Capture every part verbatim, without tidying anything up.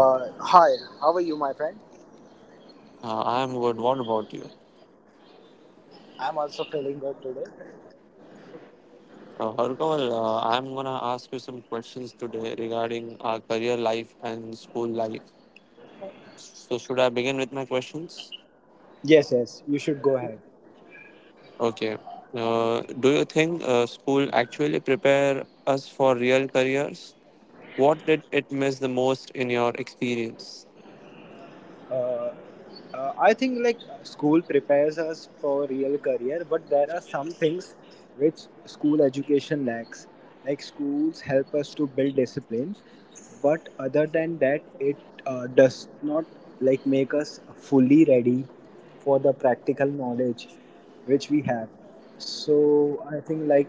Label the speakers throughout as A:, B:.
A: Uh, hi, how are you, my friend?
B: Uh, I'm good. What about you?
A: I'm also feeling good today.
B: Uh, Harkaval, uh, I'm going to ask you some questions today regarding our career life and school life. So, should I begin with my questions?
A: Yes, yes, you should go ahead.
B: Okay. Uh, do you think uh, school actually prepare us for real careers? What did it miss the most in your experience?
A: Uh, uh, I think like school prepares us for real career, but there are some things which school education lacks. Like schools help us to build discipline, but other than that, it uh, does not like make us fully ready for the practical knowledge which we have. So I think like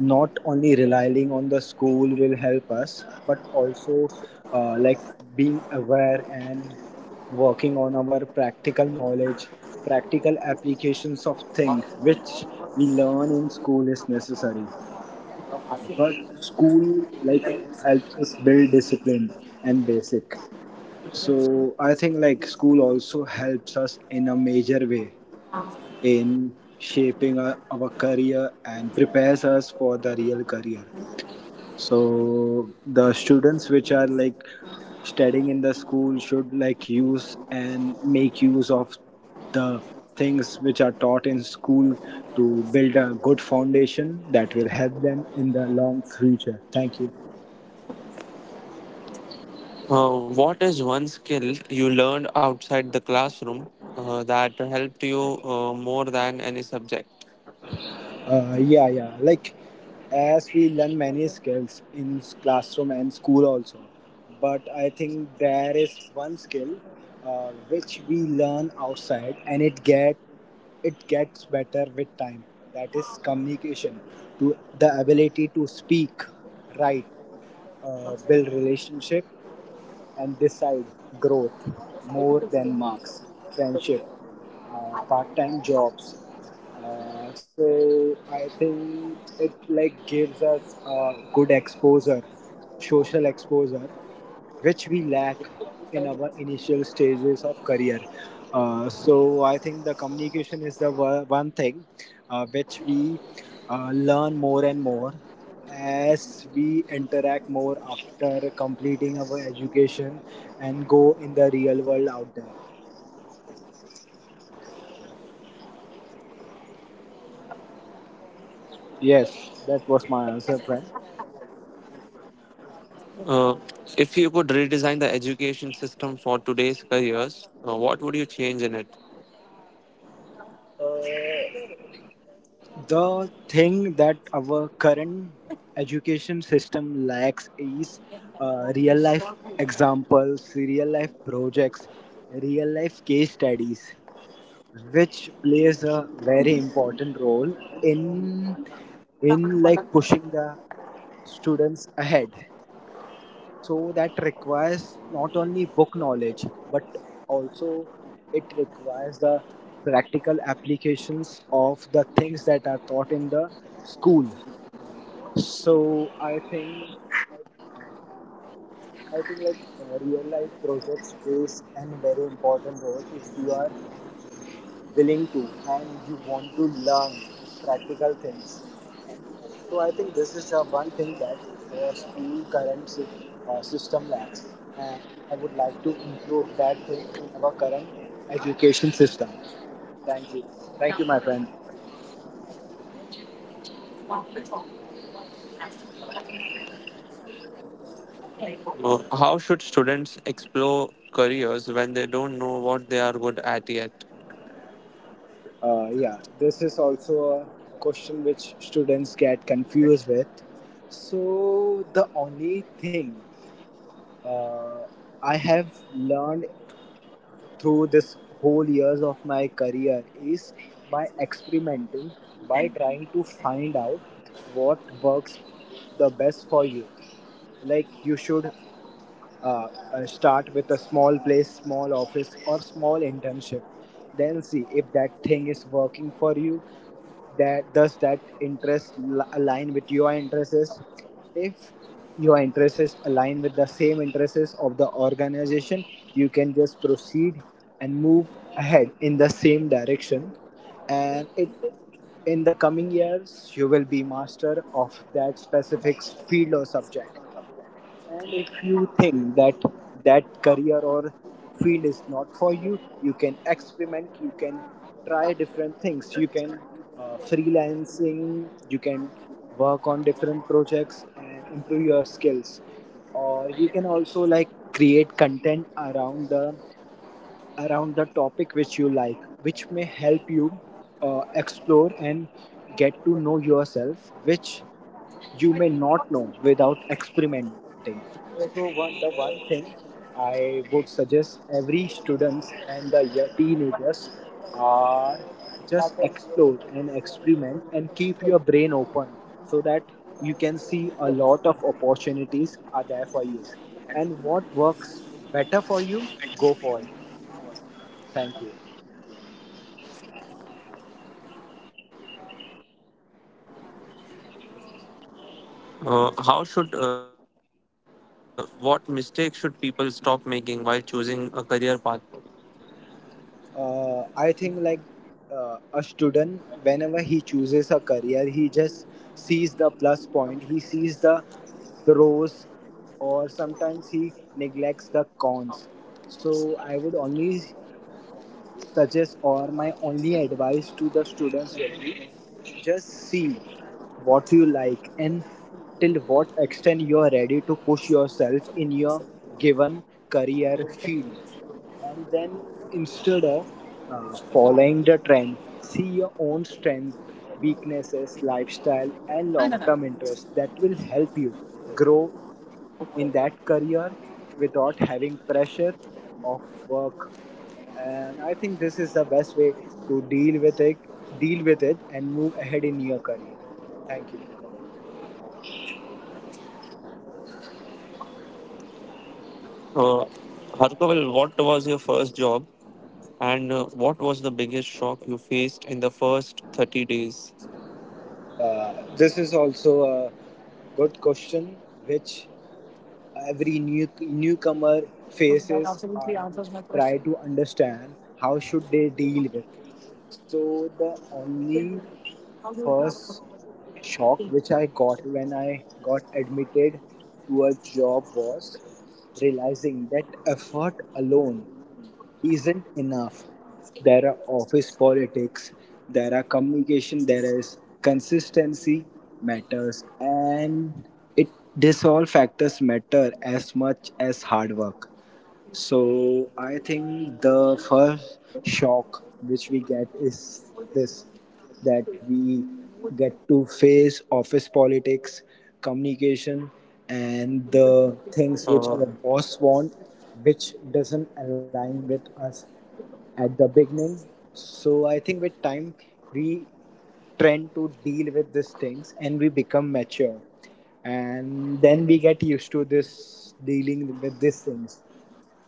A: not only relying on the school will help us, but also uh, like being aware and working on our practical knowledge, practical applications of thing which we learn in school is necessary. But school like helps us build discipline and basic. So I think like school also helps us in a major way in shaping our, our career and prepares us for the real career so the students which are like studying in the school should like use and make use of the things which are taught in school to build a good foundation that will help them in the long future thank you.
B: Uh, what is one skill you learned outside the classroom uh, that helped you uh, more than any subject?
A: Uh, yeah, yeah. Like, as we learn many skills in s- classroom and school also, but I think there is one skill uh, which we learn outside, and it get it gets better with time. That is communication, to the ability to speak, write, uh, build relationship, and decide growth more than marks, friendship, uh, part time jobs. Uh, so I think it like gives us a good exposure, social exposure, which we lack in our initial stages of career. Uh, so I think the communication is the wo- one thing uh, which we uh, learn more and more as we interact more after completing our education and go in the real world out there. Yes, that was my answer, friend.
B: Uh, if you could redesign the education system for today's careers, uh, what would you change in it?
A: The thing that our current education system lacks is uh, real life examples, real life projects, real life case studies, which plays a very important role in in like pushing the students ahead. So that requires not only book knowledge but also it requires the practical applications of the things that are taught in the school. So i think i think like uh, real life projects plays an very important role if you are willing to and you want to learn practical things. So I think this is uh, one thing that our school current sy- uh, system lacks, and I would like to include that thing in our current education system. Thank you, thank you, my friend.
B: Uh, how should students explore careers when they don't know what they are good at yet?
A: Uh, yeah, this is also a question which students get confused with. So the only thing uh, I have learned through this whole years of my career is by experimenting, by trying to find out what works the best for you. Like you should uh, uh, start with a small place, small office, or small internship. Then see if that thing is working for you. That does that interest li- align with your interests? If your interests align with the same interests of the organization, you can just proceed and move ahead in the same direction. And it in the coming years, you will be master of that specific field or subject. And if you think that that career or field is not for you, you can experiment, you can try different things, you can uh, freelancing, you can work on different projects and improve your skills. Or you can also like create content around the around the topic which you like, which may help you uh, explore and get to know yourself, which you may not know without experimenting. So one, the one thing I would suggest every students and the yo- teenagers are just explore and experiment and keep your brain open so that you can see a lot of opportunities are there for you. And what works better for you, go for it. Thank you.
B: Uh, how should uh, uh, What mistakes should people stop making while choosing a career path?
A: uh, I think like uh, a student, whenever he chooses a career, he just sees the plus point. He sees the pros, or sometimes he neglects the cons. So I would only suggest, or my only advice to the students will be, just see what you like and till what extent you are ready to push yourself in your given career field, and then instead of uh, following the trend see your own strength, weaknesses, lifestyle, and long-term interests that will help you grow in that career without having pressure of work. And I think this is the best way to deal with it deal with it and move ahead in your career. Thank you.
B: Uh, Harkaval, what was your first job, and uh, what was the biggest shock you faced in the first thirty days?
A: Uh, this is also a good question which every new newcomer faces and try to understand how should they deal with. So the only first shock which I got when I got admitted to a job was realizing that effort alone isn't enough. There are office politics, there are communication, there is consistency matters, and it this all factors matter as much as hard work. So I think the first shock which we get is this, that we get to face office politics, communication, and the
B: Uh,
A: things which our boss want, which doesn't align with us at the beginning. So I think with time we trend to deal with these things and we become mature and then we get used to this dealing with these things.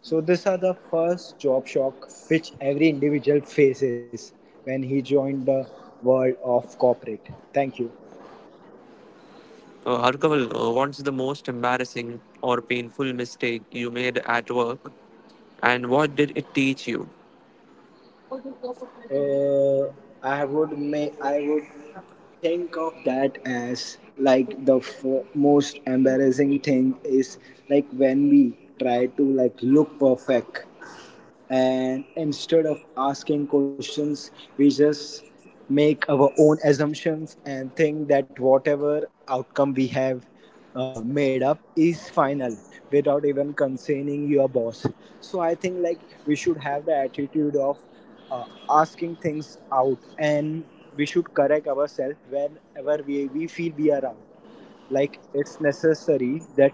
A: So these are the first job shock which every individual faces when he joined the world of corporate. Thank you.
B: Uh, Harkaval, uh, what's the most embarrassing or painful mistake you made at work, and what did it teach you?
A: Uh, I would make I would think of that as like the f- most embarrassing thing is like when we try to like look perfect and instead of asking questions we just make our own assumptions and think that whatever outcome we have uh, made up is final without even concerning your boss. So I think like we should have the attitude of uh, asking things out and we should correct ourselves whenever we, we feel we are wrong. Like it's necessary that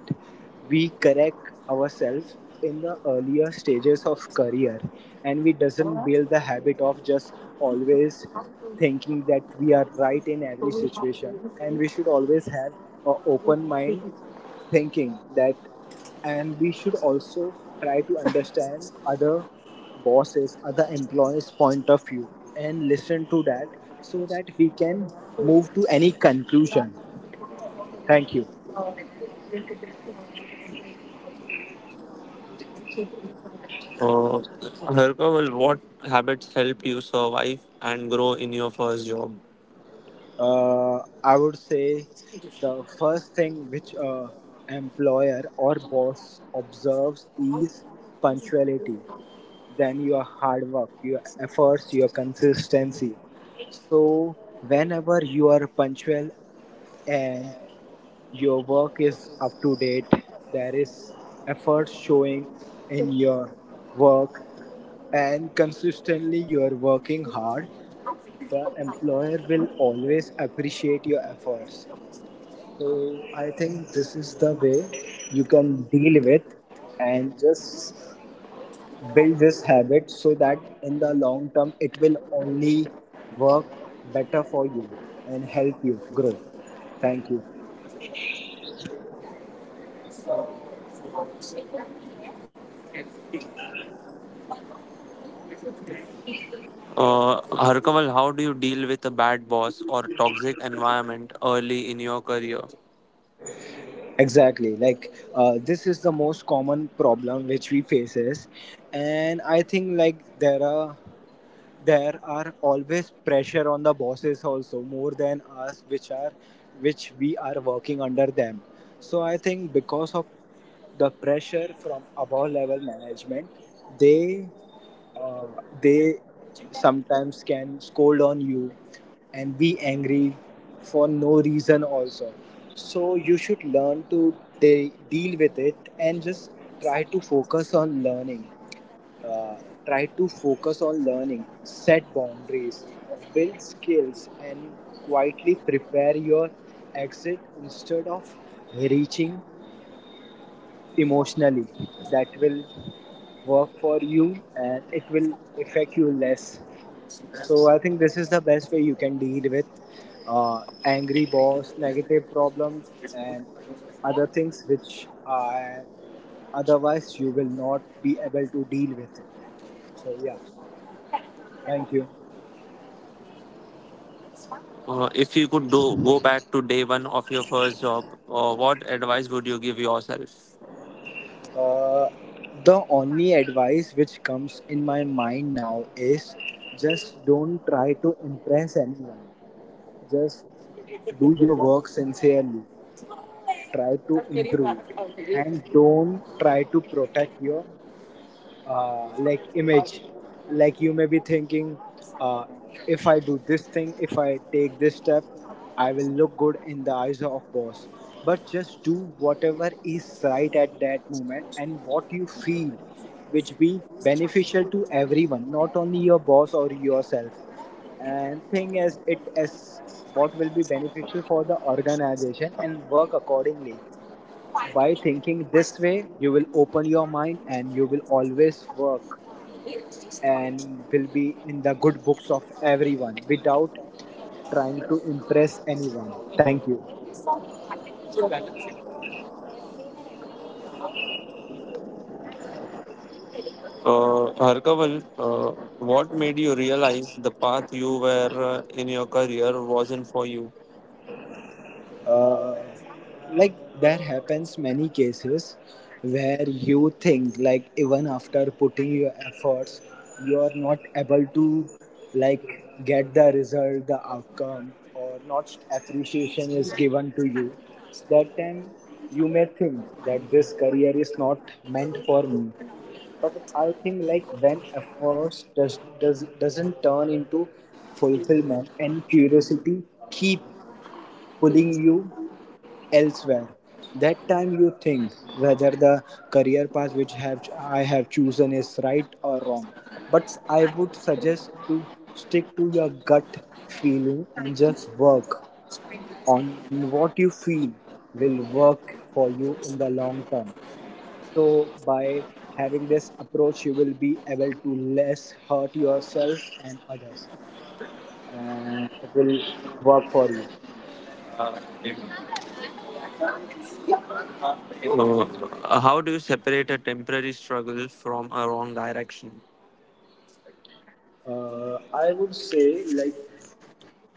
A: we correct ourselves in the earlier stages of career and we doesn't build the habit of just always thinking that we are right in every situation, and we should always have a open mind thinking that, and we should also try to understand other bosses other employees point of view and listen to that so that we can move to any conclusion. Thank you.
B: Uh, Harkaval, what habits help you survive and grow in your first job?
A: Uh, I would say the first thing which a employer or boss observes is punctuality, then your hard work, your efforts, your consistency. So whenever you are punctual and your work is up to date, there is effort showing in your work and consistently you are working hard, the employer will always appreciate your efforts. So I think this is the way you can deal with, and just build this habit so that in the long term it will only work better for you and help you grow. Thank you.
B: Uh, Harkaval, how do you deal with a bad boss or toxic environment early in your career?
A: Exactly. Like uh, this is the most common problem which we faces, and I think like there are there are always pressure on the bosses also more than us which are which we are working under them. So I think because of the pressure from above level management, they uh, they sometimes can scold on you and be angry for no reason also. So you should learn to de- deal with it and just try to focus on learning uh, try to focus on learning, set boundaries, build skills, and quietly prepare your exit instead of reaching emotionally. That will work for you and it will affect you less. So, I think this is the best way you can deal with uh, angry boss, negative problems, and other things which are otherwise you will not be able to deal with. So, yeah, thank you.
B: Uh, if you could do, go back to day one of your first job, uh, what advice would you give yourself?
A: Uh, the only advice which comes in my mind now is just don't try to impress anyone. Just do your work sincerely. Try to improve and don't try to protect your uh, like image. Like you may be thinking uh, if I do this thing, if I take this step I will look good in the eyes of boss, but just do whatever is right at that moment and what you feel which be beneficial to everyone, not only your boss or yourself, and thing as it as what will be beneficial for the organization and work accordingly. By thinking this way, you will open your mind and you will always work and will be in the good books of everyone without trying to impress anyone. Thank you.
B: Uh, Harkaval, uh, what made you realize the path you were uh, in your career wasn't for you?
A: uh, like there happens many cases where you think like even after putting your efforts you are not able to like get the result the outcome or not appreciation is given to you. That time you may think that this career is not meant for me. But I think like when efforts does, does doesn't turn into fulfillment and curiosity keep pulling you elsewhere. That time you think whether the career path which have I have chosen is right or wrong. But I would suggest to stick to your gut feeling and just work on what you feel will work for you in the long term. So by having this approach, you will be able to less hurt yourself and others, and it will work for you.
B: Uh, how do you separate a temporary struggle from a wrong direction?
A: Uh, I would say, like,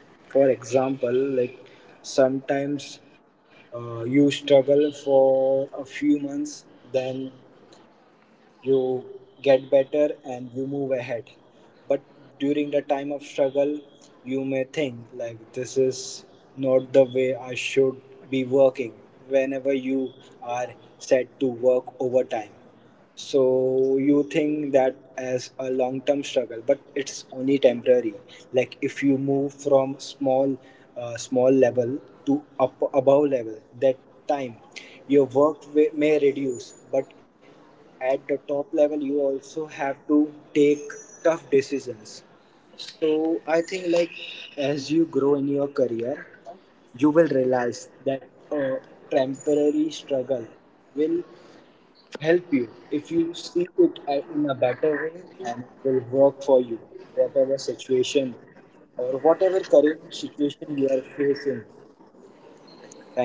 A: for example, like sometimes uh, you struggle for a few months, then you get better and you move ahead, but during the time of struggle you may think like this is not the way I should be working. Whenever you are set to work overtime, so you think that as a long term struggle, but it's only temporary. Like if you move from small uh, small level to up above level, that time your work wa- may reduce, but at the top level you also have to take tough decisions. So I think like as you grow in your career, you will realize that a temporary struggle will help you if you see it a- in a better way, and it will work for you whatever situation or whatever current situation you are facing.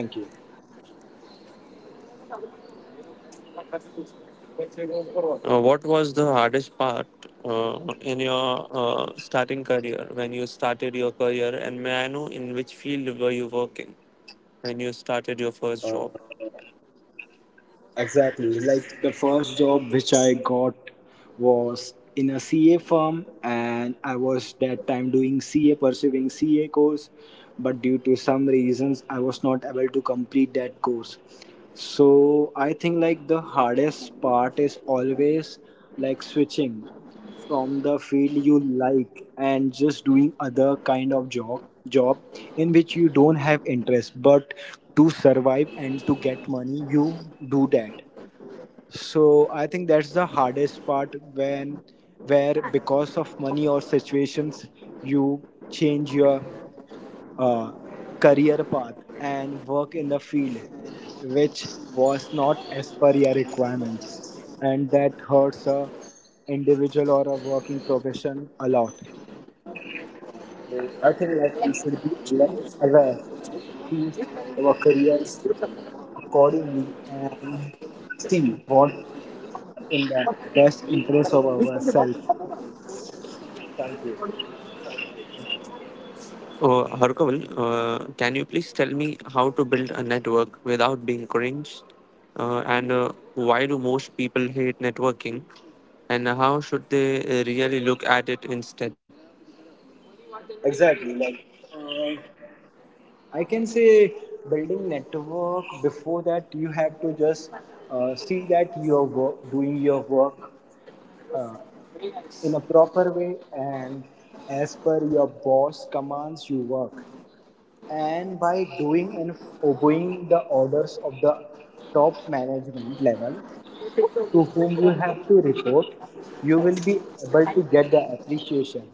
A: Thank you.
B: Uh, what was the hardest part uh, in your uh, starting career when you started your career? And may I know in which field were you working when you started your first job?
A: Exactly. Like the first job which I got was in a C A firm, and I was that time doing C A, pursuing C A course. But due to some reasons, I was not able to complete that course. So I think like the hardest part is always like switching from the field you like and just doing other kind of job job in which you don't have interest, but to survive and to get money you do that. So I think that's the hardest part, when where because of money or situations you change your uh, career path and work in the field which was not as per your requirements, and that hurts a individual or a working profession a lot. So I think like we should be less aware and choose our career accordingly and see what are in the best interest of ourselves. Thank you.
B: Uh, Harkaval, uh, can you please tell me how to build a network without being cringe? Uh, and uh, why do most people hate networking? And how should they uh, really look at it instead?
A: Exactly, like uh, I can say, building network, before that you have to just uh, see that you are wo- doing your work uh, in a proper way and as per your boss commands you work. And by doing and f- obeying the orders of the top management level to whom you have to report, you will be able to get the appreciation.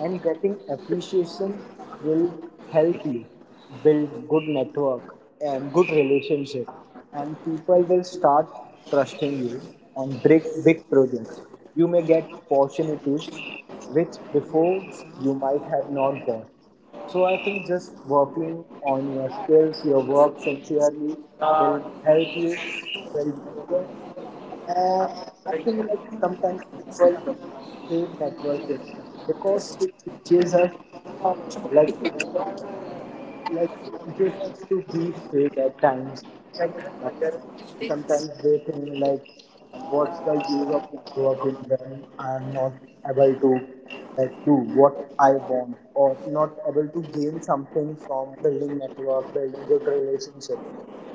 A: And getting appreciation will help you build good network and good relationship. And people will start trusting you on big, big projects. You may get opportunities which before you might have not got. So I think just working on your skills, your work sincerely will help you build network. And I think like sometimes people hate networking because it teaches us, like it, like teaches us to be fake at times. Sometimes they think like, what's the use of networking when I'm not able to like do what I want, or not able to gain something from building network, building good relationship?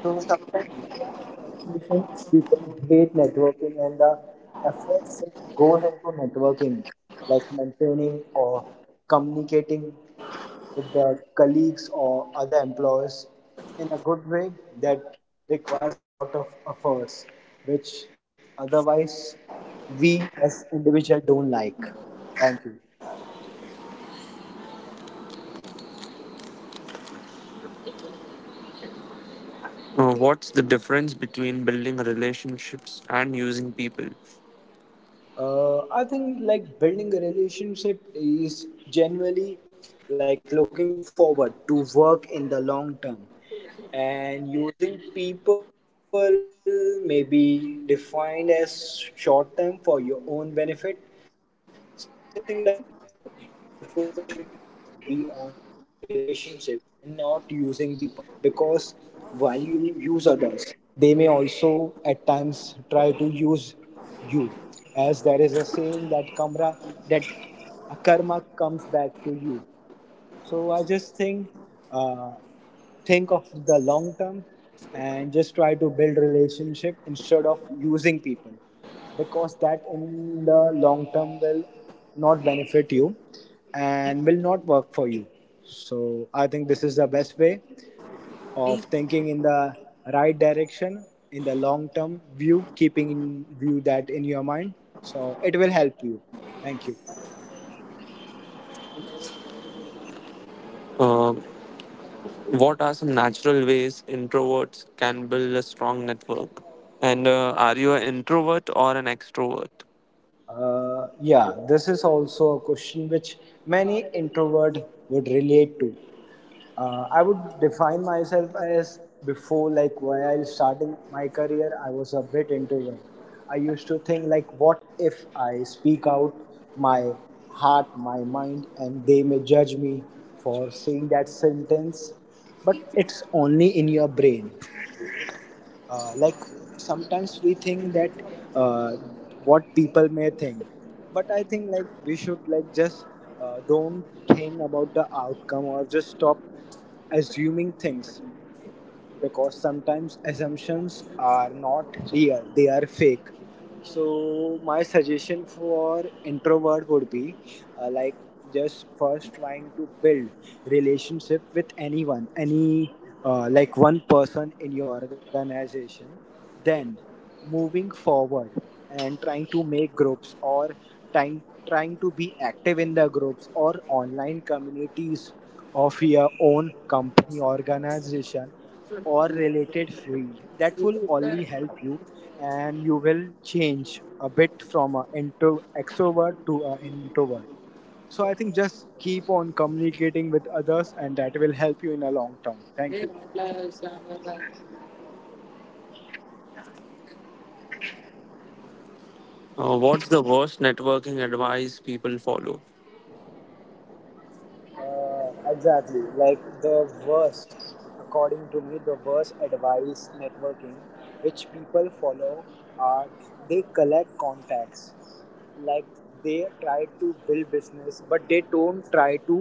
A: So sometimes because of frustration, people hate networking, and the efforts which goes into networking, like maintaining or communicating with the colleagues or other employers in a good way, that requires a lot of efforts, which otherwise we as individual don't like. Thank you.
B: Uh, what's the difference between building relationships and using people?
A: Uh, I think like building a relationship is generally like looking forward to work in the long term, and using people may be defined as short term for your own benefit. So I think like our focus should always be on building relationship and not using people, because while you use others they may also at times try to use you. As there is a saying that kamra, that karma comes back to you. So I just think, uh, think of the long term and just try to build relationship instead of using people, because that in the long term will not benefit you and will not work for you. So I think this is the best way of thinking in the right direction, in the long term view, keeping in view that in your mind. So it will help you. Thank you.
B: Uh, what are some natural ways introverts can build a strong network? And uh, are you an introvert or an extrovert?
A: Uh, yeah, this is also a question which many introvert would relate to. Uh, I would define myself as before, like while starting my career, I was a bit introvert. I used to think like, what if I speak out my heart, my mind, and they may judge me for saying that sentence? But it's only in your brain. Uh, like sometimes we think that uh, what people may think, but I think like we should like just uh, don't think about the outcome or just stop assuming things, because sometimes assumptions are not real, they are fake. So, my suggestion for introvert would be uh, like just first trying to build relationship with anyone, any uh, like one person in your organization, then moving forward and trying to make groups or trying trying to be active in the groups or online communities of your own company organization or related field. That will only help you, and you will change a bit from an intro extrovert to a- an introvert. So I think just keep on communicating with others, and that will help you in a long term. Thank you.
B: Uh, what's the worst networking advice people follow?
A: Uh, exactly. Like the worst, according to me, the worst advice networking which people follow are, they collect contacts. Like they try to build business, but they don't try to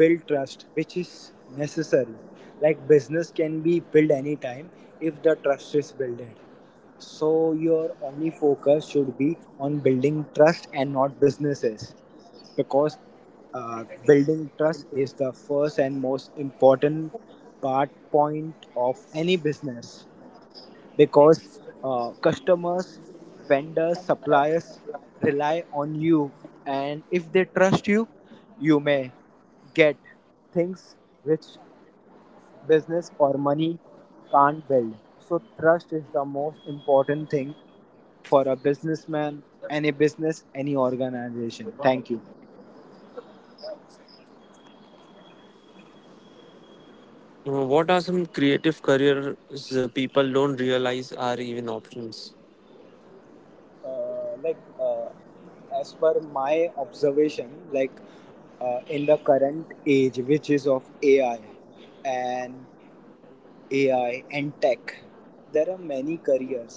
A: build trust, which is necessary. Like business can be built anytime if the trust is builded. So your only focus should be on building trust and not businesses, because uh, building trust is the first and most important part point of any business, because uh, customers, vendors, suppliers rely on you, and if they trust you, you may get things which business or money can't build. So, trust is the most important thing for a businessman, any business, any organization. Thank you.
B: Uh, What are some creative careers uh, people don't realize are even options?
A: Uh, like uh, as per my observation, like uh, in the current age which is of ai and ai and tech, there are many careers.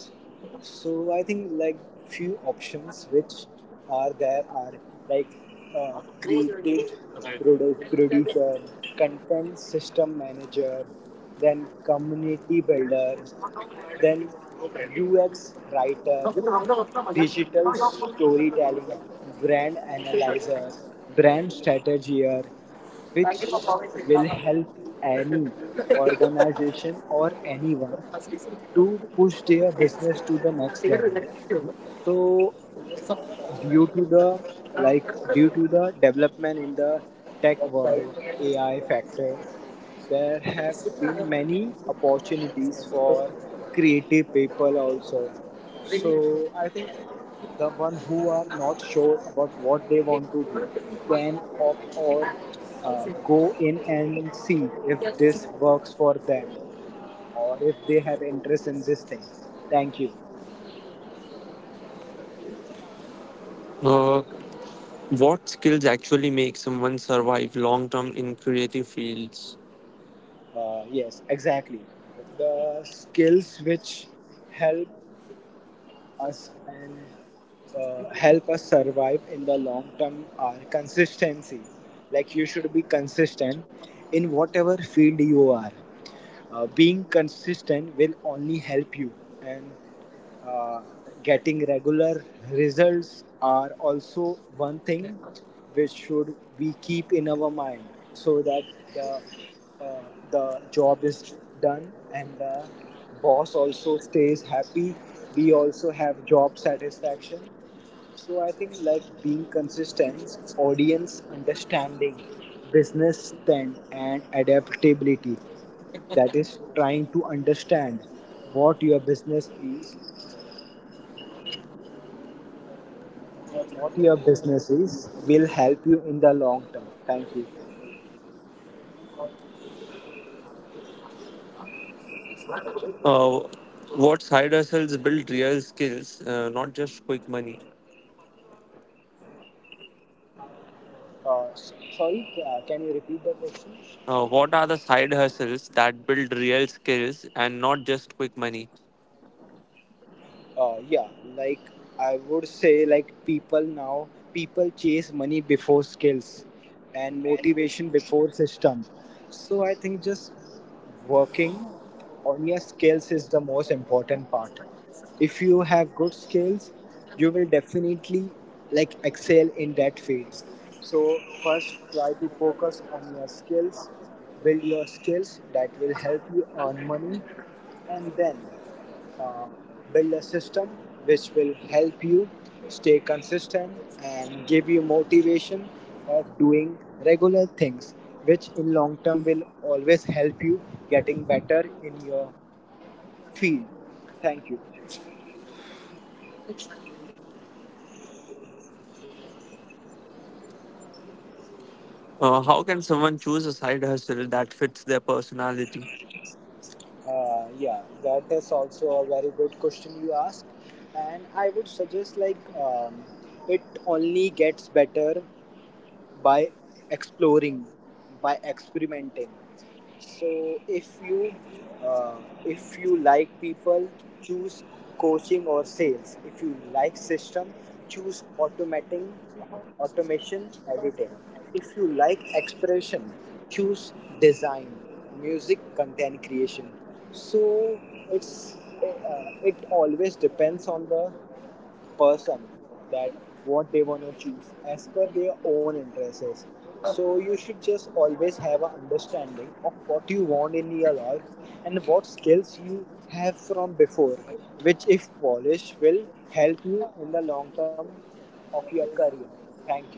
A: So I think like few options which are there are, like uh, creative produ- producer, content system manager, then community builder, then ux writer, digital storytelling, brand analyzer, brand strategier, which will help any organization or anyone to push their business to the next level. So due to the, like due to the development in the tech world, ai factor, there have been many opportunities for creative people also. So I think the one who are not sure about what they want to do can opt, or uh, go in and see if this works for them, or if they have interest in this thing. Thank you.
B: Uh, what skills actually make someone survive long term in creative fields?
A: Uh, yes, exactly. The skills which help us and uh, help us survive in the long term are consistency. Like you should be consistent in whatever field you are. Uh, being consistent will only help you, and uh, getting regular results are also one thing which should we keep in our mind, so that the uh, the job is done and the boss also stays happy, we also have job satisfaction. So I think like being consistent, audience understanding, business stand and adaptability, that is trying to understand what your business is, what your business is, will help you in the long term. Thank you.
B: Uh, what side hustles build real skills, uh, not just quick money?
A: Uh, Sorry, uh, can you repeat the question?
B: Uh, what are the side hustles that build real skills and not just quick money?
A: Uh, yeah, like I would say like people now, people chase money before skills, and motivation before system. So I think just working on your skills is the most important part. If you have good skills, you will definitely like excel in that field. So first try to focus on your skills, build your skills, that will help you earn money. And then uh, build a system which will help you stay consistent and give you motivation of doing regular things, which in long term will always help you getting better in your field. Thank you.
B: Uh, how can someone choose a side hustle that fits their personality?
A: Uh, yeah, that is also a very good question you asked. And I would suggest like um, it only gets better by exploring, by experimenting. So if you uh, if you like people, choose coaching or sales. If you like system, choose automating, automation, editing. If you like expression, choose design, music, content creation. So it's uh, it always depends on the person, that what they want to choose as per their own interests. So you should just always have an understanding of what you want in your life and what skills you have from before, which if polished will help you in the long term of your career. Thank you.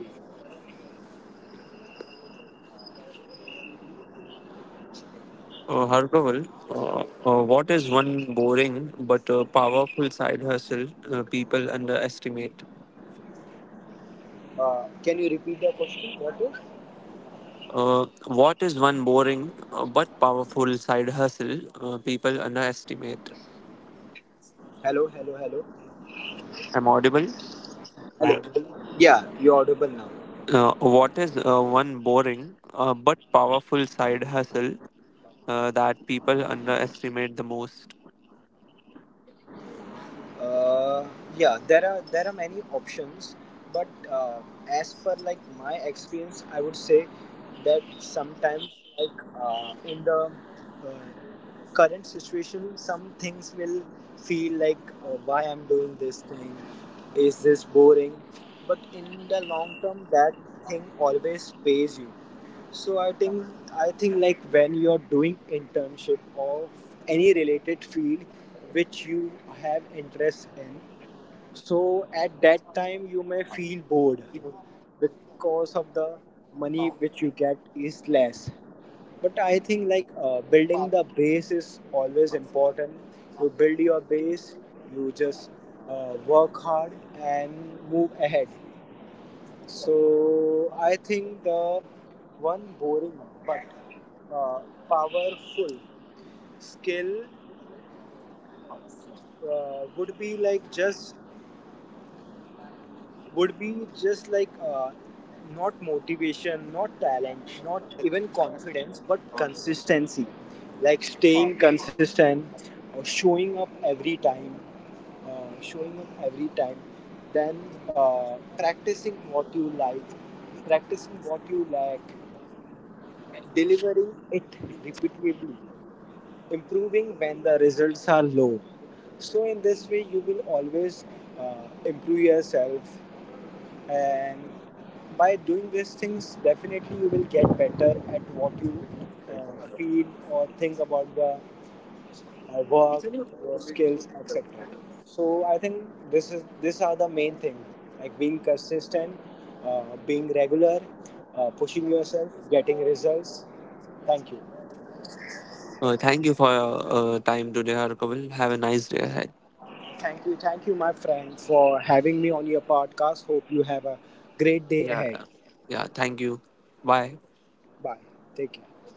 B: Uh, Harkaval, uh, uh, what is one boring but uh, powerful side hustle uh, people underestimate?
A: uh, Can you repeat the question, what is?
B: Uh, what is one boring uh, but powerful side hustle uh, people underestimate?
A: Hello, hello, hello.
B: I'm audible.
A: Hello. Yeah, you're audible now.
B: Uh, what is uh, one boring uh, but powerful side hustle uh, that people underestimate the most?
A: Uh, yeah, there are there are many options, but uh, as per like my experience, I would say that sometimes like uh, in the uh, current situation, some things will feel like uh, why I'm doing this thing, is this boring? But in the long term, that thing always pays you. So I think, I think like when you're doing internship of any related field which you have interest in, so at that time you may feel bored because of the money which you get is less. But I think like uh, building the base is always important. You build your base, you just uh, work hard and move ahead. So I think the one boring but uh, powerful skill uh, would be like just would be just like uh, not motivation, not talent, not even confidence, but consistency. Like staying consistent or showing up every time, uh, showing up every time. Then uh, practicing what you like, practicing what you like, delivering it repeatedly, improving when the results are low. So, in this way, you will always uh, improve yourself, and by doing these things, definitely you will get better at what you uh, feel or think about the uh, work, your skills, et cetera. So, I think this is, these are the main things, like being consistent, uh, being regular, uh, pushing yourself, getting results. Thank you.
B: Uh, thank you for your uh, time today, Harkaval. Have a nice day ahead.
A: Thank you, thank you, my friend, for having me on your podcast. Hope you have a great day
B: Yeah,
A: ahead.
B: yeah. Yeah, thank you. Bye.
A: Bye. Take care.